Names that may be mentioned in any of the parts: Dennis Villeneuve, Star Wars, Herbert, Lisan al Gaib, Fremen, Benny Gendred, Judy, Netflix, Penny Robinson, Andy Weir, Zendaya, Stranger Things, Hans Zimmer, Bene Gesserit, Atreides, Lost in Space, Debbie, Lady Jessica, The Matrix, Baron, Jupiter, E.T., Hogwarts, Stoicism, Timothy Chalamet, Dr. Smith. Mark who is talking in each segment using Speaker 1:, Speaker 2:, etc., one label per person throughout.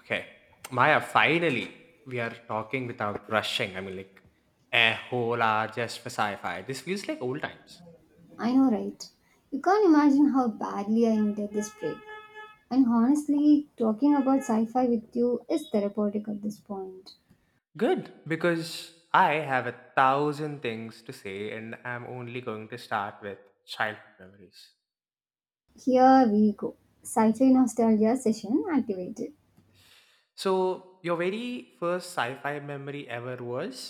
Speaker 1: Okay. Maya, finally, we are talking without rushing. A whole hour just for sci fi. This feels like old times.
Speaker 2: I know, right? You can't imagine how badly I needed this break. And honestly, talking about sci fi with you is therapeutic at this point.
Speaker 1: Good, because I have 1,000 things to say, and I'm only going to start with childhood memories.
Speaker 2: Here we go. Sci fi nostalgia session activated.
Speaker 1: So, your very first sci fi memory ever was?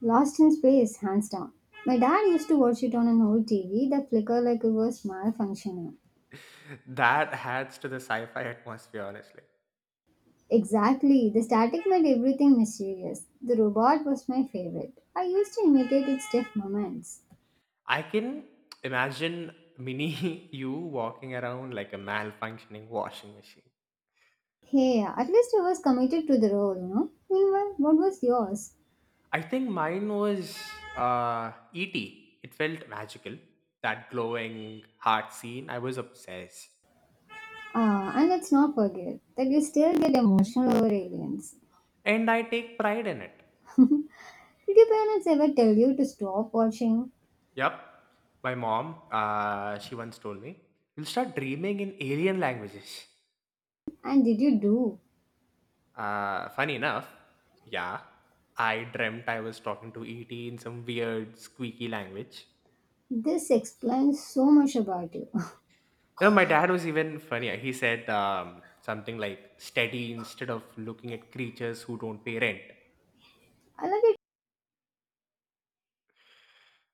Speaker 2: Lost in space, hands down. My dad used to watch it on an old TV that flickered like it was malfunctioning.
Speaker 1: That adds to the sci fi atmosphere, honestly.
Speaker 2: Exactly, the static made everything mysterious. The robot was my favorite. I used to imitate its stiff movements.
Speaker 1: I can imagine mini you walking around like a malfunctioning washing machine.
Speaker 2: Hey, at least I was committed to the role. Meanwhile, what was yours?
Speaker 1: I think mine was E.T. It felt magical. That glowing heart scene, I was obsessed.
Speaker 2: Ah, and let's not forget that you still get emotional over aliens.
Speaker 1: And I take pride in it.
Speaker 2: Did your parents ever tell you to stop watching?
Speaker 1: Yup. My mom, she once told me, you'll start dreaming in alien languages.
Speaker 2: And did you do?
Speaker 1: Funny enough, yeah, I dreamt I was talking to E.T. in some weird, squeaky language.
Speaker 2: This explains so much about you.
Speaker 1: My dad was even funnier. He said something like, steady instead of looking at creatures who don't pay rent.
Speaker 2: I love it.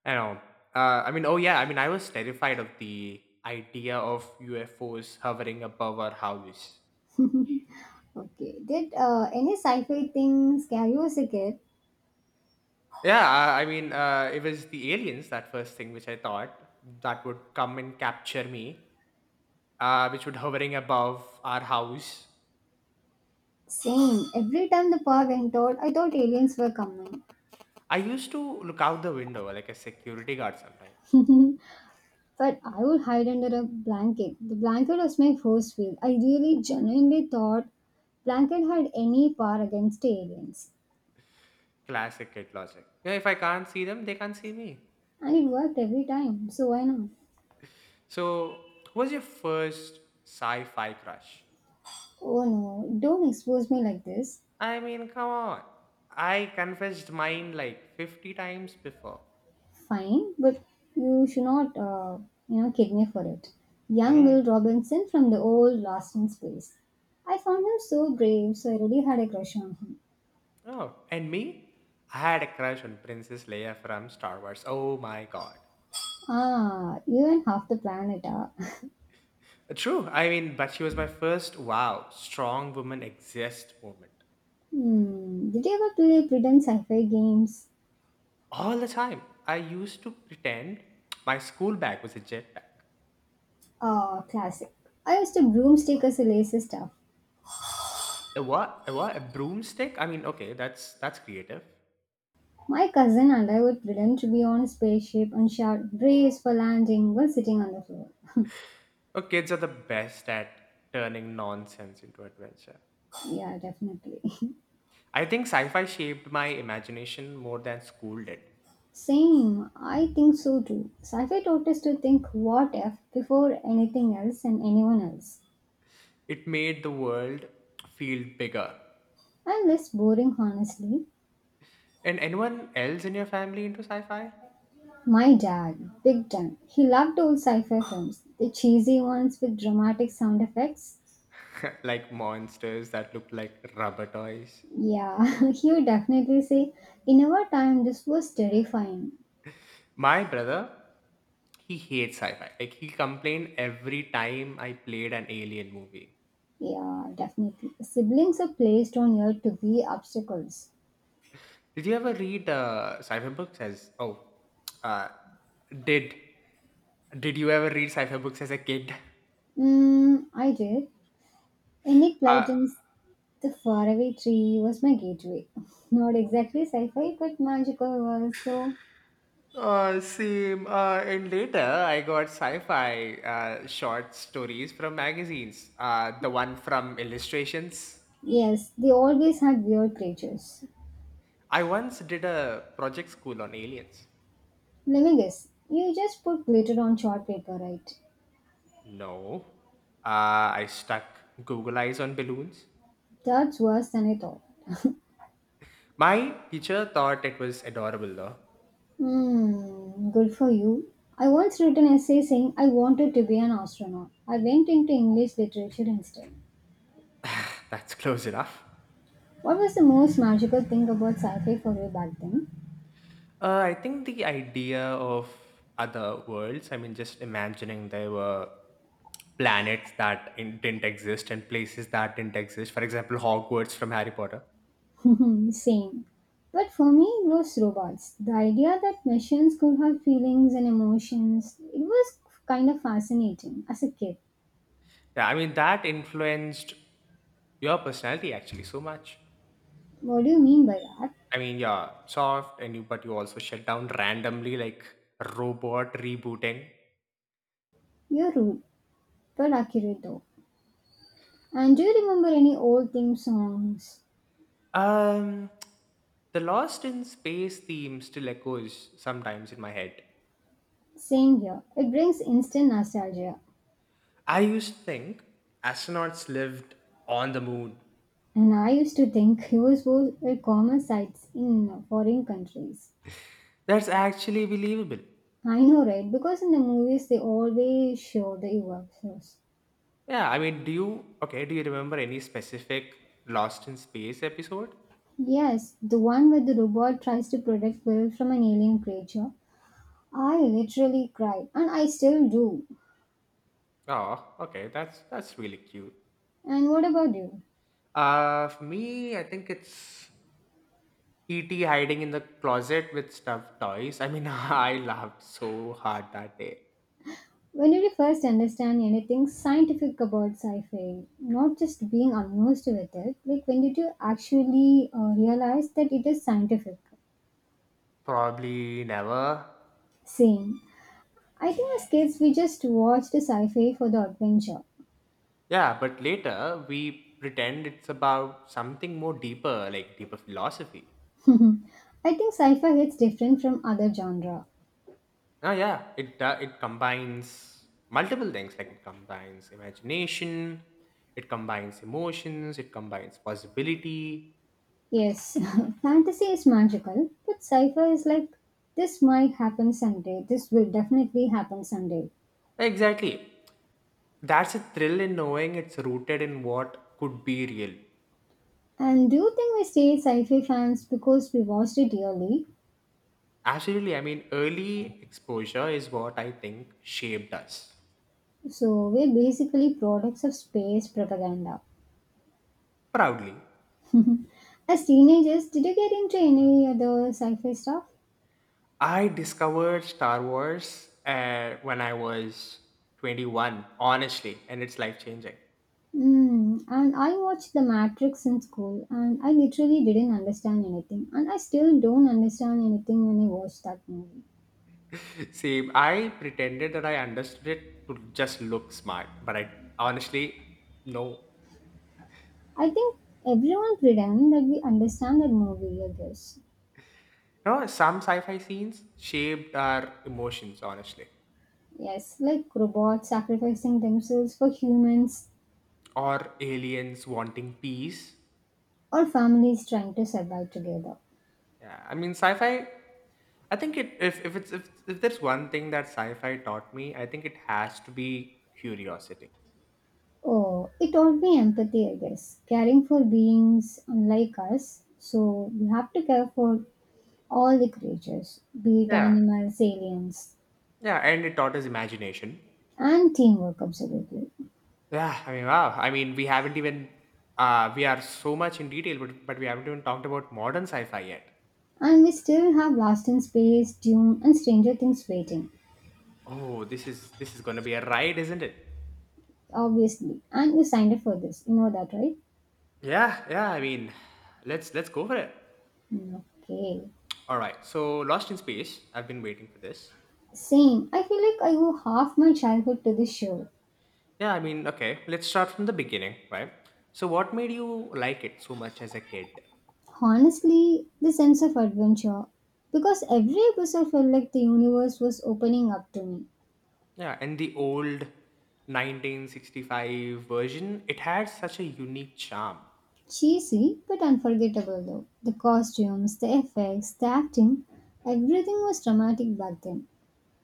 Speaker 1: I know. Oh yeah. I was terrified of the idea of UFOs hovering above our house.
Speaker 2: Okay, did any sci fi thing scare you as a kid?
Speaker 1: Yeah, it was the aliens that first thing which I thought that would come and capture me, which would hovering above our house.
Speaker 2: Same. Every time the power went out, I thought aliens were coming.
Speaker 1: I used to look out the window like a security guard sometimes.
Speaker 2: But I would hide under a blanket. The blanket was my force field. I really genuinely thought blanket had any power against aliens.
Speaker 1: Classic kid logic. Yeah, if I can't see them, they can't see me.
Speaker 2: And it worked every time, so why not?
Speaker 1: So, who was your first sci-fi crush?
Speaker 2: Oh no, don't expose me like this.
Speaker 1: Come on. I confessed mine like 50 times before.
Speaker 2: Fine, but you should not, kid me for it. Young
Speaker 1: Mm.
Speaker 2: Will Robinson from the old Lost in Space. I found him so brave, so I really had a crush on him.
Speaker 1: Oh, and me? I had a crush on Princess Leia from Star Wars. Oh my god.
Speaker 2: Ah, you and half the planet are.
Speaker 1: True. But she was my first wow, strong woman exist moment.
Speaker 2: Hmm, did you ever play pretend sci-fi games?
Speaker 1: All the time. I used to pretend my school bag was a jetpack.
Speaker 2: Ah, classic. I used to broomstick as a lazy stuff.
Speaker 1: A what? A what? A broomstick? I mean, okay, that's creative.
Speaker 2: My cousin and I would pretend to be on a spaceship and shout "Brace for landing" while sitting on the floor.
Speaker 1: Oh, kids are the best at turning nonsense into adventure.
Speaker 2: Yeah, definitely.
Speaker 1: I think sci fi shaped my imagination more than school did.
Speaker 2: Same, I think so too. Sci fi taught us to think what if before anything else and anyone else.
Speaker 1: It made the world feel bigger.
Speaker 2: I'm less boring, honestly.
Speaker 1: And anyone else in your family into sci fi?
Speaker 2: My dad, big time, he loved old sci fi films, the cheesy ones with dramatic sound effects.
Speaker 1: Like monsters that look like rubber toys?
Speaker 2: Yeah, he would definitely say, in our time, this was terrifying.
Speaker 1: My brother, he hates sci fi. Like, he complained every time I played an alien movie.
Speaker 2: Yeah, definitely. Siblings are placed on earth to be obstacles.
Speaker 1: Did you ever read sci fi books as. Oh, uh, did. Did you ever read sci fi books as a kid?
Speaker 2: Mm, I did. Any
Speaker 1: Uh,
Speaker 2: Platons. The faraway tree was my gateway. Not exactly sci fi, but magical was so.
Speaker 1: Same. And later, I got sci-fi short stories from magazines. The one from Illustrations.
Speaker 2: Yes, they always had weird creatures.
Speaker 1: I once did a project school on aliens.
Speaker 2: Let me guess, you just put glitter on chart paper, right?
Speaker 1: No, I stuck Google eyes on balloons.
Speaker 2: That's worse than I thought.
Speaker 1: My teacher thought it was adorable, though.
Speaker 2: Hmm, good for you. I once wrote an essay saying I wanted to be an astronaut. I went into English literature instead.
Speaker 1: That's close enough.
Speaker 2: What was the most magical thing about sci fi for you back then?
Speaker 1: I think the idea of other worlds. Just imagining they were planets that didn't exist and places that didn't exist. For example, Hogwarts from Harry Potter.
Speaker 2: Same. But for me, it was robots. The idea that machines could have feelings and emotions, it was kind of fascinating as a kid.
Speaker 1: Yeah, I mean that influenced your personality actually so much.
Speaker 2: What do you mean by that?
Speaker 1: I mean, yeah, soft and you, but you also shut down randomly like robot rebooting.
Speaker 2: You're rude, but accurate though. And do you remember any old theme songs?
Speaker 1: Um, the Lost in Space theme still echoes sometimes in my head.
Speaker 2: Same here. It brings instant nostalgia.
Speaker 1: I used to think astronauts lived on the moon.
Speaker 2: And I used to think US were common sights in foreign countries.
Speaker 1: That's actually believable.
Speaker 2: I know, right? Because in the movies, they always show the UFOs.
Speaker 1: Yeah, I mean, do you okay? Do you remember any specific Lost in Space episode?
Speaker 2: Yes, the one where the robot tries to protect Will from an alien creature. I literally cried, and I still do.
Speaker 1: Oh, okay, that's really cute.
Speaker 2: And what about you?
Speaker 1: For me, I think it's E.T. hiding in the closet with stuffed toys. I mean, I laughed so hard that day.
Speaker 2: When did you first understand anything scientific about sci fi? Not just being amused with it, like when did you actually realize that it is scientific?
Speaker 1: Probably never.
Speaker 2: Same. I think as kids we just watched sci fi for the adventure.
Speaker 1: Yeah, but later we pretend it's about something more deeper, like deeper philosophy.
Speaker 2: I think sci fi hits different from other genre.
Speaker 1: Oh yeah, it combines multiple things. Like it combines imagination, it combines emotions, it combines possibility.
Speaker 2: Yes, fantasy is magical, but sci fi is like this might happen someday, this will definitely happen someday.
Speaker 1: Exactly. That's a thrill in knowing it's rooted in what could be real.
Speaker 2: And do you think we stay sci fi fans because we watched it yearly?
Speaker 1: Absolutely. I mean, early exposure is what I think shaped us
Speaker 2: So we're basically products of space propaganda.
Speaker 1: proudly.
Speaker 2: As teenagers, did you get into any other sci fi stuff?
Speaker 1: I discovered Star Wars when I was 21, honestly, and it's life changing.
Speaker 2: Mm, and I watched The Matrix in school and I literally didn't understand anything, and I still don't understand anything when I watch that movie.
Speaker 1: Same. I pretended that I understood it to just look smart, but I honestly, no.
Speaker 2: I think everyone pretend that we understand that movie, I guess.
Speaker 1: No, some sci fi scenes shaped our emotions, honestly.
Speaker 2: Yes, like robots sacrificing themselves for humans
Speaker 1: Or aliens wanting peace.
Speaker 2: or families trying to survive together.
Speaker 1: Yeah, I mean, sci fi, I think it, if, it's, if there's one thing that sci fi taught me, I think it has to be curiosity.
Speaker 2: Oh, it taught me empathy, I guess. Caring for beings unlike us, so we have to care for all the creatures, be it
Speaker 1: Yeah.
Speaker 2: animals, aliens,
Speaker 1: Yeah, and it taught us imagination.
Speaker 2: and teamwork, absolutely.
Speaker 1: Yeah, I mean, wow. I mean, we haven't even, We are so much in detail, but, we haven't even talked about modern sci fi yet.
Speaker 2: And we still have Lost in Space, Dune, and Stranger Things waiting,
Speaker 1: Oh, this is gonna be a ride, isn't it?
Speaker 2: obviously. And we signed up for this, that, right?
Speaker 1: Yeah, yeah. I mean, let's go for it.
Speaker 2: Mm, okay.
Speaker 1: All right. So, Lost in Space. I've been waiting for this.
Speaker 2: Same. I feel like I owe half my childhood to this show.
Speaker 1: Yeah, I mean, okay. Let's start from the beginning, right? So, what made you like it so much as a kid?
Speaker 2: Honestly, the sense of adventure. Because every episode felt like the universe was opening up to me.
Speaker 1: Yeah, and the old 1965 version, it had such a unique charm.
Speaker 2: Cheesy, but unforgettable though. The costumes, the effects, the acting, everything was dramatic back then.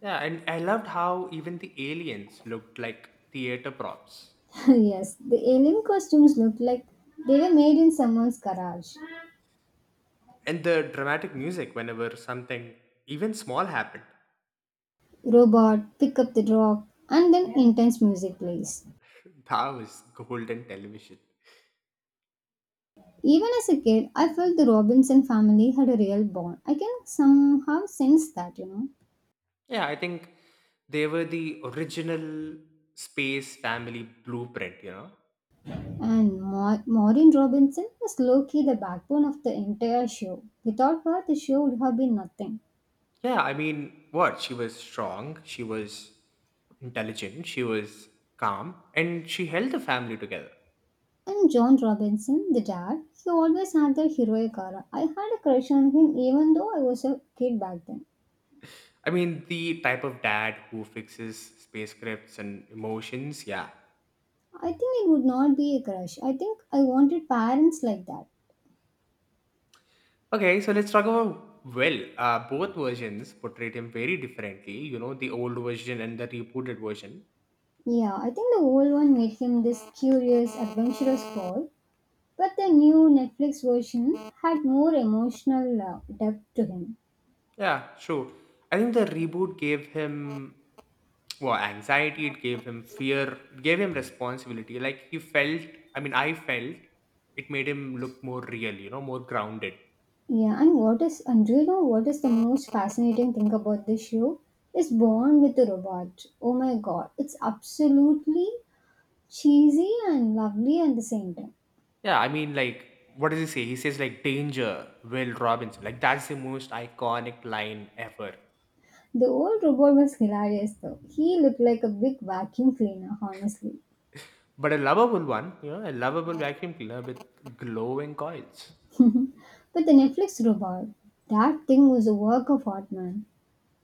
Speaker 1: Yeah, and I loved how even the aliens looked like theater props.
Speaker 2: Yes, the alien costumes looked like they were made in someone's garage.
Speaker 1: And the dramatic music whenever something even small happened.
Speaker 2: Robot, pick up the rock, and then intense music plays.
Speaker 1: That was golden television.
Speaker 2: Even as a kid, I felt the Robinson family had a real bond. I can somehow sense that.
Speaker 1: Yeah, I think they were the original space family blueprint, you know?
Speaker 2: And Maureen Robinson was low key the backbone of the entire show. Without her, the show would have been nothing.
Speaker 1: Yeah, I mean, what? She was strong, she was intelligent, she was calm, and she held the family together.
Speaker 2: And John Robinson, the dad, he always had that heroic aura. I had a crush on him even though I was a kid back then.
Speaker 1: I mean, the type of dad who fixes space scripts and emotions, yeah.
Speaker 2: I think it would not be a crush. I think I wanted parents like that.
Speaker 1: Okay, so let's talk about Will. Both versions portrayed him very differently, you know, the old version and the rebooted version.
Speaker 2: Yeah, I think the old one made him this curious, adventurous boy, but the new Netflix version had more emotional depth to him.
Speaker 1: Yeah, sure. I think the reboot gave him well anxiety, it gave him fear, it gave him responsibility. Like he felt, I mean I felt it made him look more real, you know, more grounded.
Speaker 2: Yeah, and what is and do you know what is the most fascinating thing about this show? Is Born with a Robot. Oh my god, it's absolutely cheesy and lovely at the same time.
Speaker 1: Yeah, I mean like what does he say? He says like danger, Will Robinson. Like that's the most iconic line ever.
Speaker 2: The old robot was hilarious though. He looked like a big vacuum cleaner, honestly.
Speaker 1: But a lovable one, you know, a lovable vacuum cleaner with glowing coils.
Speaker 2: But the Netflix robot, that thing was a work of art, man.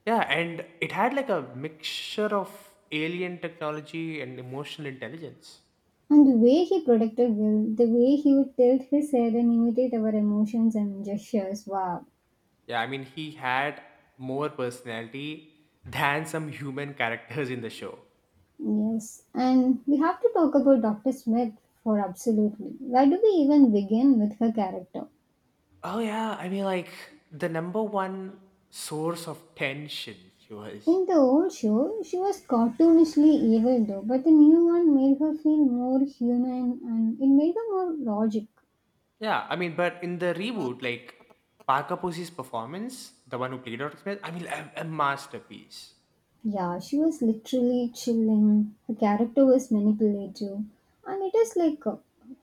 Speaker 1: Yeah, and it had like a mixture of alien technology and emotional intelligence.
Speaker 2: And the way he protected Will, the way he would tilt his head and imitate our emotions and gestures. Wow.
Speaker 1: Yeah, I mean, he had more personality than some human characters in the show.
Speaker 2: Yes. And we have to talk about Dr. Smith for absolutely. Where do we even begin with her character?
Speaker 1: Oh, yeah. I mean, like, the number 1 source of tension she was.
Speaker 2: In the old show, she was cartoonishly evil though, but the new one made her feel more human and it made her more logic.
Speaker 1: Yeah, I mean, but in the reboot, like, Parker Posey's performance, the one who played Dr. Smith, I mean, a masterpiece.
Speaker 2: Yeah, she was literally chilling. Her character was manipulative, and it is like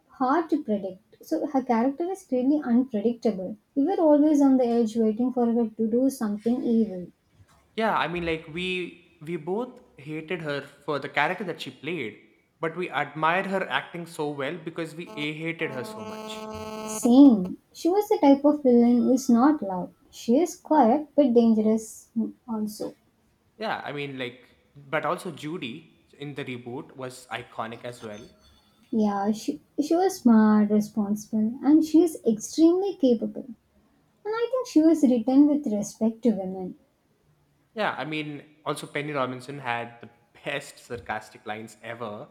Speaker 2: hard to predict. So her character is really unpredictable. We were always on the edge waiting for her to do something evil.
Speaker 1: Yeah, I mean, like, we both hated her for the character that she played, but we admired her acting so well because we a hated her so much.
Speaker 2: Same. She was the type of villain who is not loud. She is quiet but dangerous mm, also.
Speaker 1: Yeah, I mean, like, but also Judy in the reboot was iconic as well.
Speaker 2: Yeah, she was smart, responsible, and she is extremely capable. And I think she was written with respect to women.
Speaker 1: Yeah, I mean, also Penny Robinson had the best sarcastic lines ever.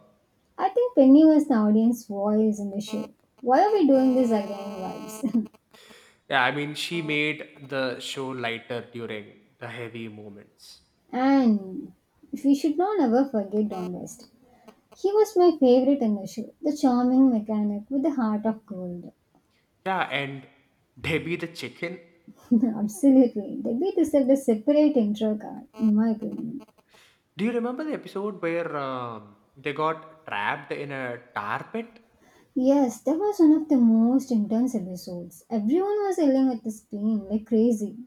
Speaker 2: I think Penny was the audience voice in the show. Why are we doing this again, vibes?
Speaker 1: Yeah, I mean, she made the show lighter during the heavy moments.
Speaker 2: And we should not ever forget Don West. He was my favorite in the show, the charming mechanic with the heart of gold.
Speaker 1: Yeah, and Debbie the chicken.
Speaker 2: Absolutely, they beat deserved a separate intro card, in my opinion.
Speaker 1: Do you remember the episode where they got trapped in a tar pit
Speaker 2: Yes, that was one of the most intense episodes. Everyone was yelling at the screen like crazy.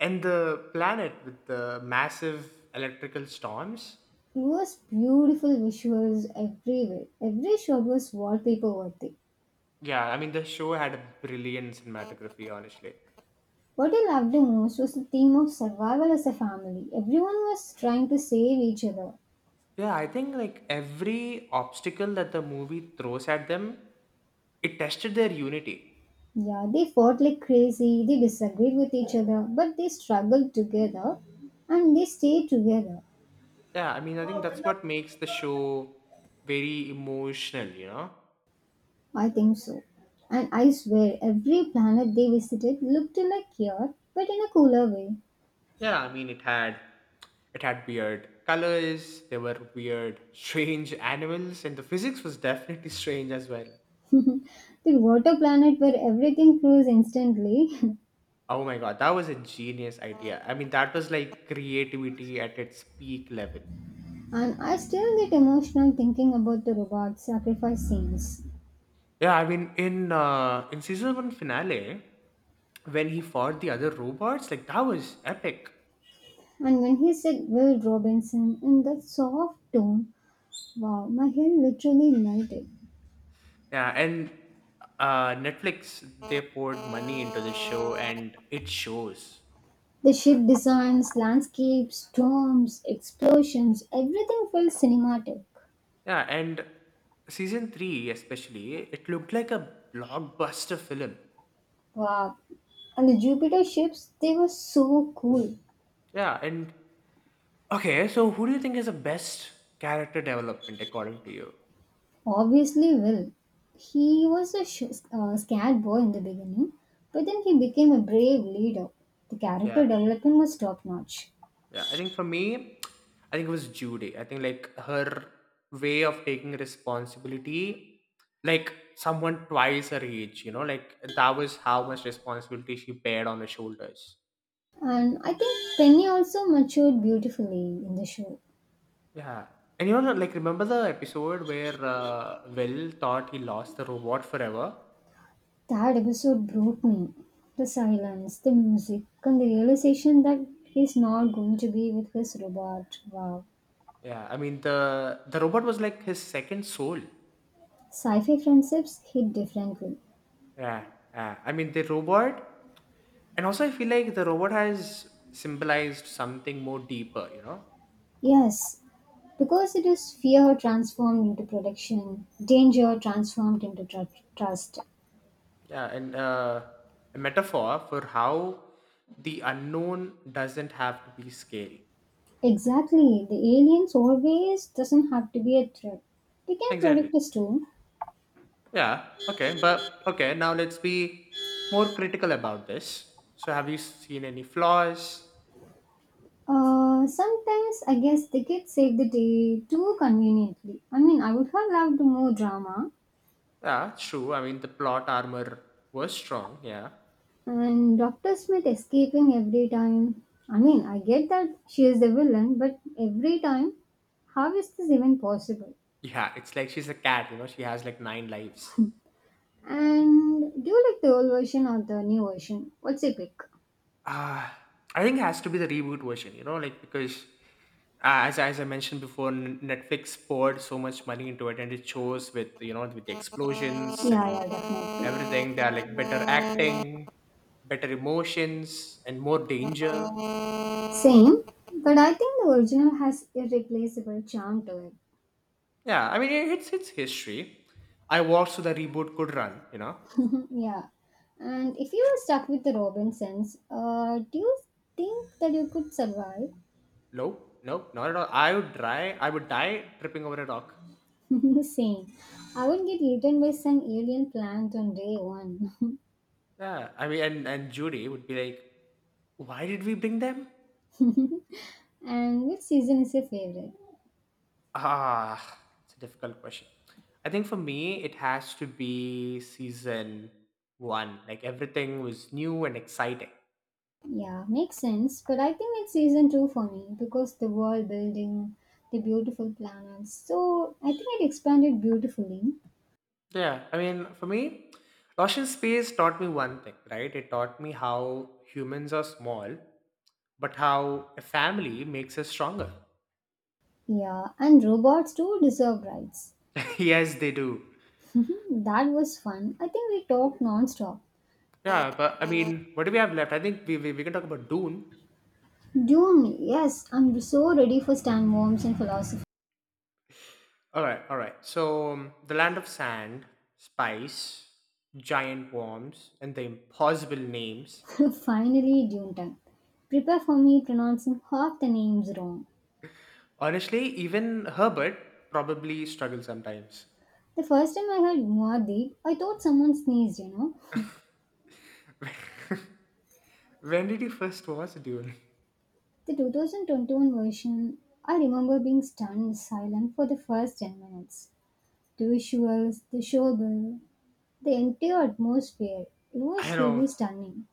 Speaker 1: and the planet with the massive electrical storms?
Speaker 2: It was beautiful visuals everywhere. Every shot was wallpaper worthy.
Speaker 1: Yeah, I mean the show had a brilliant cinematography, honestly.
Speaker 2: What I loved the most was the theme of survival as a family. Everyone was trying to save each other.
Speaker 1: Yeah, I think like every obstacle that the movie throws at them, it tested their unity.
Speaker 2: Yeah, they fought like crazy, they disagreed with each other, but they struggled together and they stayed together.
Speaker 1: Yeah, I mean I think that's what makes the show very emotional, you know?
Speaker 2: I think so. And I swear, every planet they visited looked like Earth, but in a cooler way.
Speaker 1: Yeah, I mean it had weird colors, there were weird, strange animals, and the physics was definitely strange as well.
Speaker 2: The water planet where everything froze instantly.
Speaker 1: Oh my god, that was a genius idea. I mean that was like creativity at its peak level.
Speaker 2: And I still get emotional thinking about the robot sacrifice scenes.
Speaker 1: Yeah, I mean, in season one finale, when he fought the other robots, like that was epic.
Speaker 2: And when he said Will Robinson in that soft tone, wow, my head literally melted.
Speaker 1: Yeah, and Netflix they poured money into the show, and it shows.
Speaker 2: The ship designs, landscapes, storms, explosions, everything felt cinematic.
Speaker 1: Yeah, and season three especially, it looked like a blockbuster film.
Speaker 2: Wow. And the Jupiter ships, they were so cool.
Speaker 1: Yeah, and okay, so who do you think is the best character development according to you?
Speaker 2: Obviously, Will. He was a scared boy in the beginning, but then he became a brave leader. The character
Speaker 1: Yeah.
Speaker 2: development was top notch.
Speaker 1: Yeah, I think for me, I think it was Judy. I think like her way of taking responsibility, like someone twice her age, you know, like that was how much responsibility she bared on her shoulders.
Speaker 2: And I think Penny also matured beautifully in the show.
Speaker 1: Yeah. And you know, like remember the episode where Will thought he lost the robot forever?
Speaker 2: That episode brought me. The silence, the music, and the realization that he's not going to be with his robot. Wow.
Speaker 1: Yeah, I mean the robot was like his second soul.
Speaker 2: Sci fi friendships hit differently.
Speaker 1: Yeah, yeah. I mean the robot, and also I feel like the robot has symbolized something more deeper, you know.
Speaker 2: Yes, because it is fear transformed into protection, danger transformed into trust.
Speaker 1: Yeah, and a metaphor for how the unknown doesn't have to be scale.
Speaker 2: Exactly. The aliens always doesn't have to be a threat. They can
Speaker 1: Exactly.
Speaker 2: protect us too.
Speaker 1: Yeah, okay, but okay, now let's be more critical about this. So, have you seen any flaws?
Speaker 2: Sometimes I guess they get save the day too conveniently. I mean, I would have loved more drama,
Speaker 1: Yeah, it's true. I mean, the plot armor was strong, yeah.
Speaker 2: and Dr. Smith escaping every time. I mean, I get that she is the villain, but every time, how is this even possible?
Speaker 1: Yeah, it's like she's a cat, you know, she has like nine lives.
Speaker 2: And do you like the old version or the new version? What's your pick?
Speaker 1: Ah, I think it has to be the reboot version, you know, like because as I mentioned before, N- Netflix poured so much money into it, and it shows with you know with the
Speaker 2: Yeah,
Speaker 1: explosions and
Speaker 2: yeah, definitely.
Speaker 1: everything. They are like better acting, better emotions, and more danger.
Speaker 2: Same, but I think the original has irreplaceable charm to it.
Speaker 1: Yeah, I mean it's history. I watched so the reboot could run. You know,
Speaker 2: Yeah. And if you were stuck with the Robinsons, do you think that you could survive?
Speaker 1: no, no, not at all. I would die. I would die tripping over a rock.
Speaker 2: Same. I would get eaten by some alien plant on day one.
Speaker 1: Yeah, I mean, and Judy would be like, why did we bring them?
Speaker 2: And which season is your favorite?
Speaker 1: Ah, it's a difficult question. I think for me, it has to be season one. Like everything was new and exciting.
Speaker 2: Yeah, makes sense. But I think it's season two for me because the world building, the beautiful planets. So I think it expanded beautifully.
Speaker 1: Yeah, I mean, for me, Lost in Space taught me one thing, right? It taught me how humans are small, but how a family makes us stronger.
Speaker 2: Yeah, and robots too deserve rights.
Speaker 1: Yes, they do.
Speaker 2: That was fun. I think we talked non-stop.
Speaker 1: Yeah, but I mean, what do we have left? I think we can talk about Dune.
Speaker 2: Dune, yes, I'm so ready for Stan Worms and philosophy.
Speaker 1: All right, all right. The land of sand, spice, giant worms, and the impossible names.
Speaker 2: Finally, Dune time. Prepare for me pronouncing half the names wrong.
Speaker 1: Honestly, even Herbert probably struggles sometimes.
Speaker 2: The first time I heard Muad'Dib, I thought someone sneezed, you know.
Speaker 1: When did he first watch Dune?
Speaker 2: The 2021 version, I remember being stunned silent for the first 10 minutes. The visuals, the showbill, the entire atmosphere, it
Speaker 1: I
Speaker 2: was
Speaker 1: know,
Speaker 2: really stunning.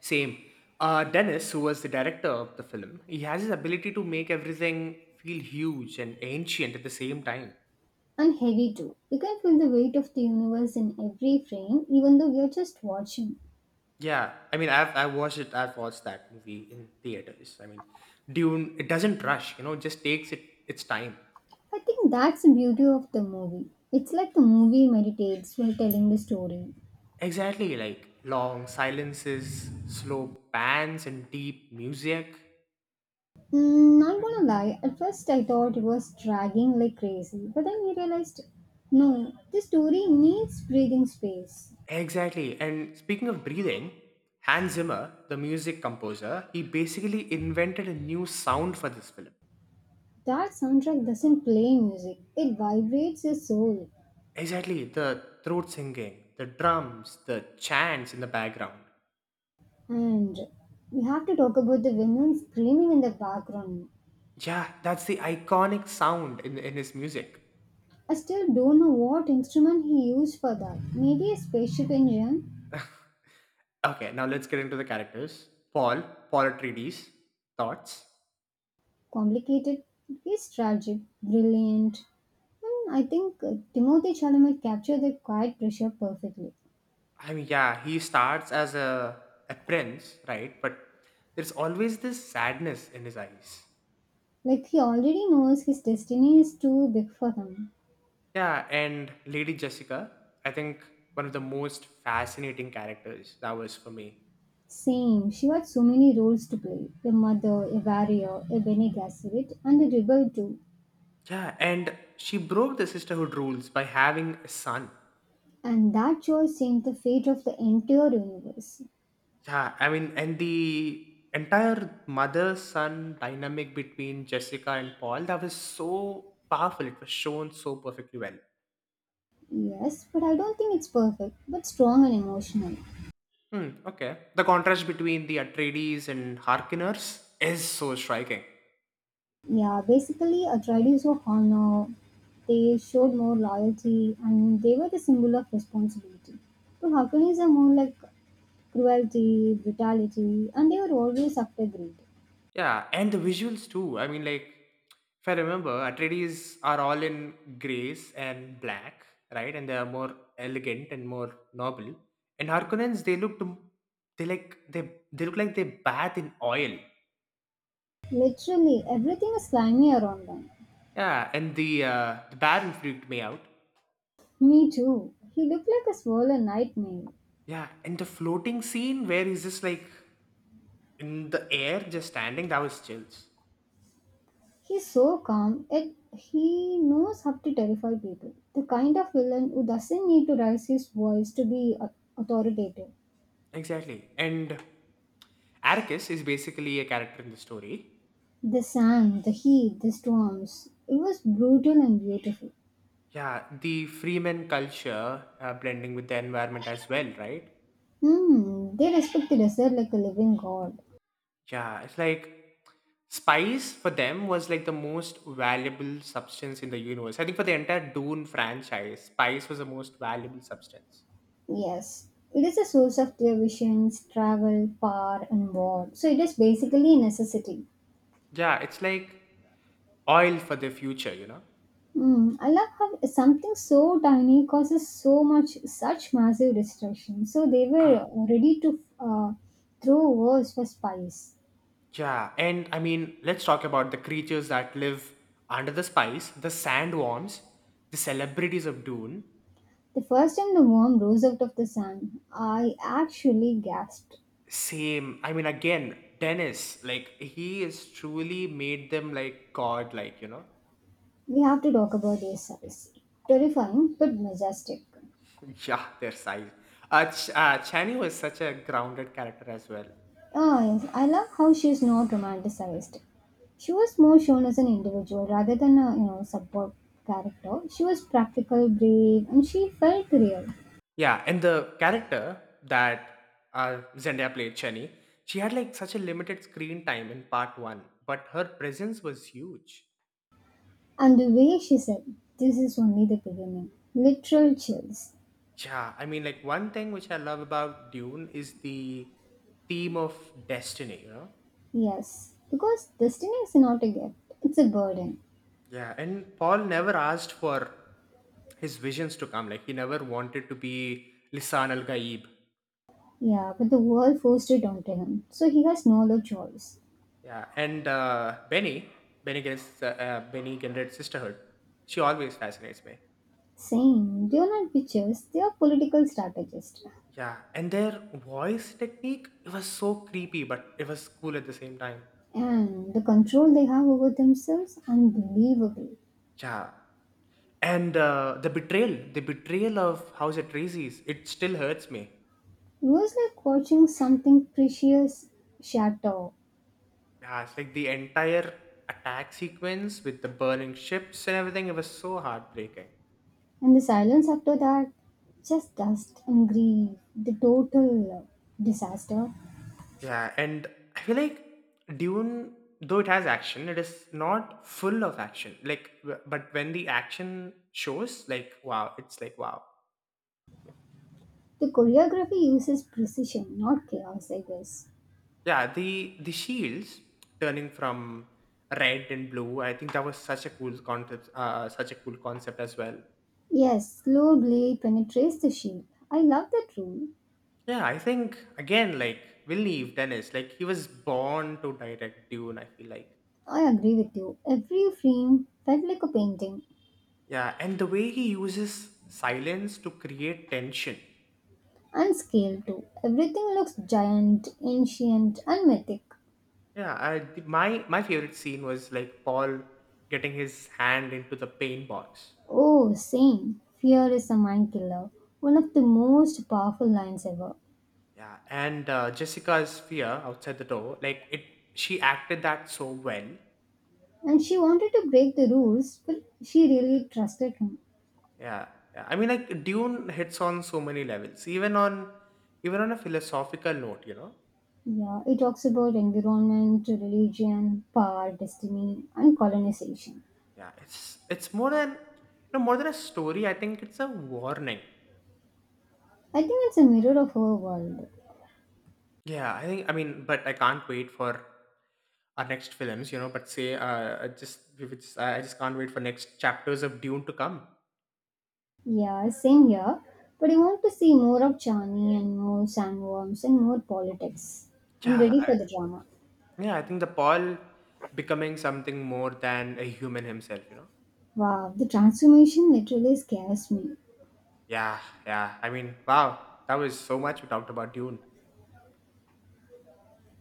Speaker 1: same. Dennis, who was the director of the film, he has his ability to make everything feel huge and ancient at the same time.
Speaker 2: And heavy too. You can feel the weight of the universe in every frame, even though we are just watching.
Speaker 1: Yeah, I mean, I watched it. I've watched that movie in theaters. I mean, Dune. It doesn't rush. You know, just takes it its time.
Speaker 2: I think that's the beauty of the movie. It's like the movie meditates while telling the story.
Speaker 1: Exactly, like long silences, slow pans, and deep music.
Speaker 2: Mm, not gonna lie, at first I thought it was dragging like crazy, but then I realized no, this story needs breathing space.
Speaker 1: Exactly. And speaking of breathing, Hans Zimmer, the music composer, he basically invented a new sound for this film.
Speaker 2: That soundtrack doesn't play music, it vibrates your soul.
Speaker 1: Exactly, the throat singing, the drums, the chants in the background.
Speaker 2: And we have to talk about the women screaming in the background.
Speaker 1: Yeah, that's the iconic sound in his music.
Speaker 2: I still don't know what instrument he used for that. Maybe a spaceship engine?
Speaker 1: Okay, now let's get into the characters. Paul, Paul Atreides, thoughts?
Speaker 2: Complicated, he's tragic, brilliant. And I think Timothy Chalamet captured the quiet pressure perfectly.
Speaker 1: I mean, yeah, he starts as a prince, right? But there's always this sadness in his eyes.
Speaker 2: Like he already knows his destiny is too big for him.
Speaker 1: Yeah, and Lady Jessica, I think one of the most fascinating characters that was for me.
Speaker 2: Same, she had so many roles to play a mother, a warrior, a Bene Gesserit, and a rebel too.
Speaker 1: Yeah, and she broke the sisterhood rules by having a son.
Speaker 2: And that choice changed the fate of the entire universe.
Speaker 1: Yeah, I mean, and the entire mother son dynamic between Jessica and Paul that was so powerful. It was shown so perfectly well.
Speaker 2: Yes, but I don't think it's perfect, but strong and emotional.
Speaker 1: Hmm, okay. The contrast between the Atreides and Harkonners is so striking.
Speaker 2: Yeah, basically, Atreides were honor, they showed more loyalty, and they were the symbol of responsibility. But Harkonnens are more like cruelty, brutality, and they were always after greed.
Speaker 1: Yeah, and the visuals too. I mean, like, if I remember, Atreides are all in grays and black, right? And they are more elegant and more noble. And Harkonnens, they looked, they like they look like they bathe in oil.
Speaker 2: Literally everything is slimy around him.
Speaker 1: Yeah, and the Baron freaked me out.
Speaker 2: Me too. He looked like a swollen nightmare.
Speaker 1: Yeah, and the floating scene where he's just like in the air, just standing, that was chills.
Speaker 2: He's so calm, yet he knows how to terrify people. The kind of villain who doesn't need to raise his voice to be authoritative.
Speaker 1: Exactly. And Arcus is basically a character in the story.
Speaker 2: The sand, the heat, the storms. It was brutal and beautiful.
Speaker 1: Yeah, the freeman culture blending with the environment as well, right?
Speaker 2: Hmm, they respect the desert like a living god.
Speaker 1: Yeah, it's like spice for them was like the most valuable substance in the universe. I think for the entire Dune franchise, spice was the most valuable substance.
Speaker 2: Yes, it is a source of their visions, travel, power, and war. So it is basically a necessity.
Speaker 1: Yeah, it's like oil for the future, you know?
Speaker 2: Mm, I love how something so tiny causes so much, such massive destruction. So they
Speaker 1: Uh,
Speaker 2: were ready to throw worms for spice.
Speaker 1: yeah, and I mean, let's talk about the creatures that live under the spice, the sandworms, the celebrities of Dune.
Speaker 2: The first time the worm rose out of the sand, I actually gasped.
Speaker 1: Same. I mean, again, Dennis, like he is truly made them like god-like, you know.
Speaker 2: We have to talk about their size. Terrifying but majestic.
Speaker 1: Yeah, their size. Chani was such a grounded character as well.
Speaker 2: Ah, yes, I love how she is not romanticized. She was more shown as an individual rather than a you know support character. She was practical, brave, and she felt real.
Speaker 1: Yeah, and the character that Zendaya played, Chani, she had like such a limited screen time in part one, but her presence was huge.
Speaker 2: And the way she said, this is only the beginning. Literal chills.
Speaker 1: Yeah, I mean, like one thing which I love about Dune is the theme of destiny, you know?
Speaker 2: Yes, because destiny is not a gift, it's a burden.
Speaker 1: Yeah, and Paul never asked for his visions to come. Like, he never wanted to be Lisan al Gaib.
Speaker 2: Yeah, but the world forced it onto him, so he has no other choice.
Speaker 1: Yeah, and Benny Gant's, uh, Benny Gendred's sisterhood, she always fascinates me.
Speaker 2: Same, they are not witches, they are political strategists.
Speaker 1: Yeah, and their voice technique, it was so creepy, but it was cool at the same time.
Speaker 2: And the control they have over themselves, unbelievable.
Speaker 1: Yeah, and the betrayal of House Atreides, it still hurts me.
Speaker 2: It was like watching something precious shatter.
Speaker 1: Yeah, it's like the entire attack sequence with the burning ships and everything, it was so heartbreaking.
Speaker 2: And the silence after that, just dust and grief, the total disaster.
Speaker 1: Yeah, and I feel like Dune, though it has action, it is not full of action. Like, but when the action shows, like, wow, it's like wow.
Speaker 2: The choreography uses precision, not chaos, I guess.
Speaker 1: Yeah, the shields turning from red and blue. I think that was such a cool concept. Such a cool concept as well.
Speaker 2: Yes, slow blade penetrates the shield. I love that rule.
Speaker 1: Yeah, I think again, like Villeneuve Dennis, like he was born to direct Dune. I feel like.
Speaker 2: I agree with you. Every frame felt like a painting.
Speaker 1: Yeah, and the way he uses silence to create tension.
Speaker 2: And scale too. Everything looks giant, ancient, and mythic.
Speaker 1: Yeah, I, the- my favorite scene was like Paul getting his hand into the paint box.
Speaker 2: Oh, same. Fear is a mind killer. One of the most powerful lines ever.
Speaker 1: Yeah, and Jessica's fear outside the door, like it, she acted that so well.
Speaker 2: And she wanted to break the rules, but she really trusted him.
Speaker 1: Yeah, yeah. I mean, like Dune hits on so many levels, even on a philosophical note. You know,
Speaker 2: Yeah, it talks about environment, religion, power, destiny, and colonization.
Speaker 1: yeah, it's more than you know more than a story. I think it's a warning.
Speaker 2: I think it's a mirror of our world.
Speaker 1: Yeah, I think I mean, but I can't wait for our next films, you know, but say I just we would just, I just can't wait for next chapters of Dune to come.
Speaker 2: Yeah, same here. But I want to see more of Chani and more sandworms and more politics. I'm
Speaker 1: Yeah,
Speaker 2: ready
Speaker 1: I,
Speaker 2: for the drama.
Speaker 1: yeah, I think the Paul becoming something more than a human himself, you know.
Speaker 2: Wow, the transformation literally scares me.
Speaker 1: Yeah, yeah. I mean, wow, that was so much we talked about Dune.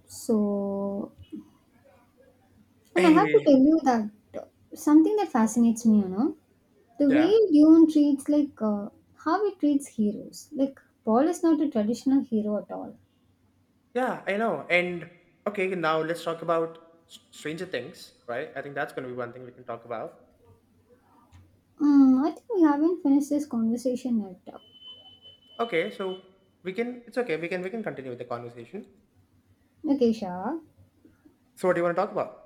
Speaker 2: So, and I have to
Speaker 1: Anyway,
Speaker 2: tell you that something that fascinates me, you know, the way
Speaker 1: yeah,
Speaker 2: Dune treats like how it treats heroes. Like Paul is not a traditional hero at all.
Speaker 1: yeah, I know. And okay, now let's talk about Stranger Things, right? I think that's going to be one thing we can talk about.
Speaker 2: Mm, I think we haven't finished this conversation yet.
Speaker 1: Okay, so we can. It's okay. We can continue with the conversation.
Speaker 2: Okay, Shah.
Speaker 1: So, what do you want to talk about?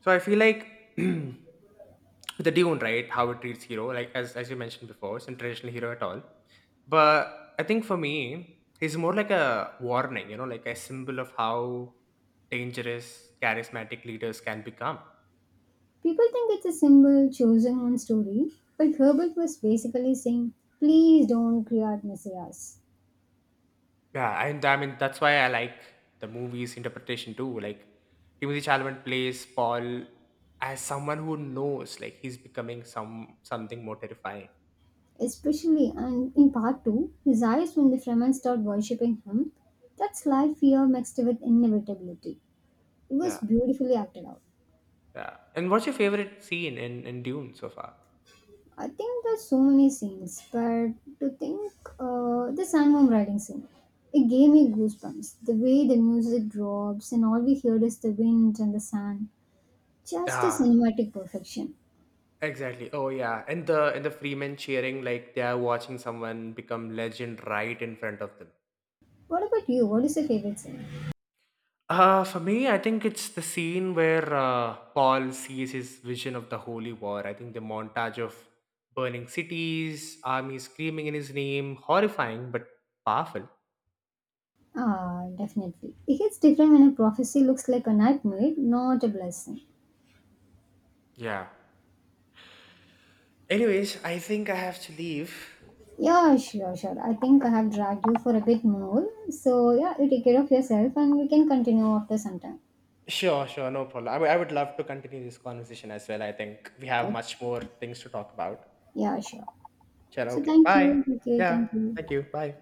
Speaker 1: So, I feel like. The Dune, right? How it treats hero, like as you mentioned before, it's not traditional hero at all. But I think for me, he's more like a warning, you know, like a symbol of how dangerous charismatic leaders can become.
Speaker 2: People think it's a symbol chosen on story, but Herbert was basically saying, please don't create messiahs.
Speaker 1: Yeah, and I mean that's why I like the movie's interpretation too. Like Timothy Chalamet plays Paul as someone who knows, like he's becoming something more terrifying.
Speaker 2: Especially and in part 2, his eyes when the Fremen start worshipping him, that's life fear mixed with inevitability. It
Speaker 1: Yeah,
Speaker 2: was beautifully acted out.
Speaker 1: yeah. And what's your favorite scene in Dune so far?
Speaker 2: I think there's so many scenes, but to think the sandworm riding scene, it gave me goosebumps. The way the music drops and all we hear is the wind and the sand, just a
Speaker 1: Yeah,
Speaker 2: cinematic perfection.
Speaker 1: exactly. Oh yeah, and the Freeman cheering like they are watching someone become legend right in front of them.
Speaker 2: What about you? What is your favorite scene?
Speaker 1: For me, I think it's the scene where Paul sees his vision of the Holy War. I think the montage of burning cities, armies screaming in his name, horrifying but powerful.
Speaker 2: Ah, definitely. It hits different when a prophecy looks like a nightmare, not a blessing.
Speaker 1: Yeah. Anyways, I think I have to leave.
Speaker 2: Yeah, sure, sure. I think I have dragged you for a bit more. So yeah, you take care of yourself and we can continue after some time.
Speaker 1: Sure, sure, no problem. I would love to continue this conversation as well. I think we have much
Speaker 2: Okay.
Speaker 1: more things to talk about.
Speaker 2: Yeah, sure.
Speaker 1: Sure.
Speaker 2: So
Speaker 1: Okay.
Speaker 2: thank
Speaker 1: Bye.
Speaker 2: you. Okay,
Speaker 1: Yeah.
Speaker 2: thank you.
Speaker 1: Thank you. Bye.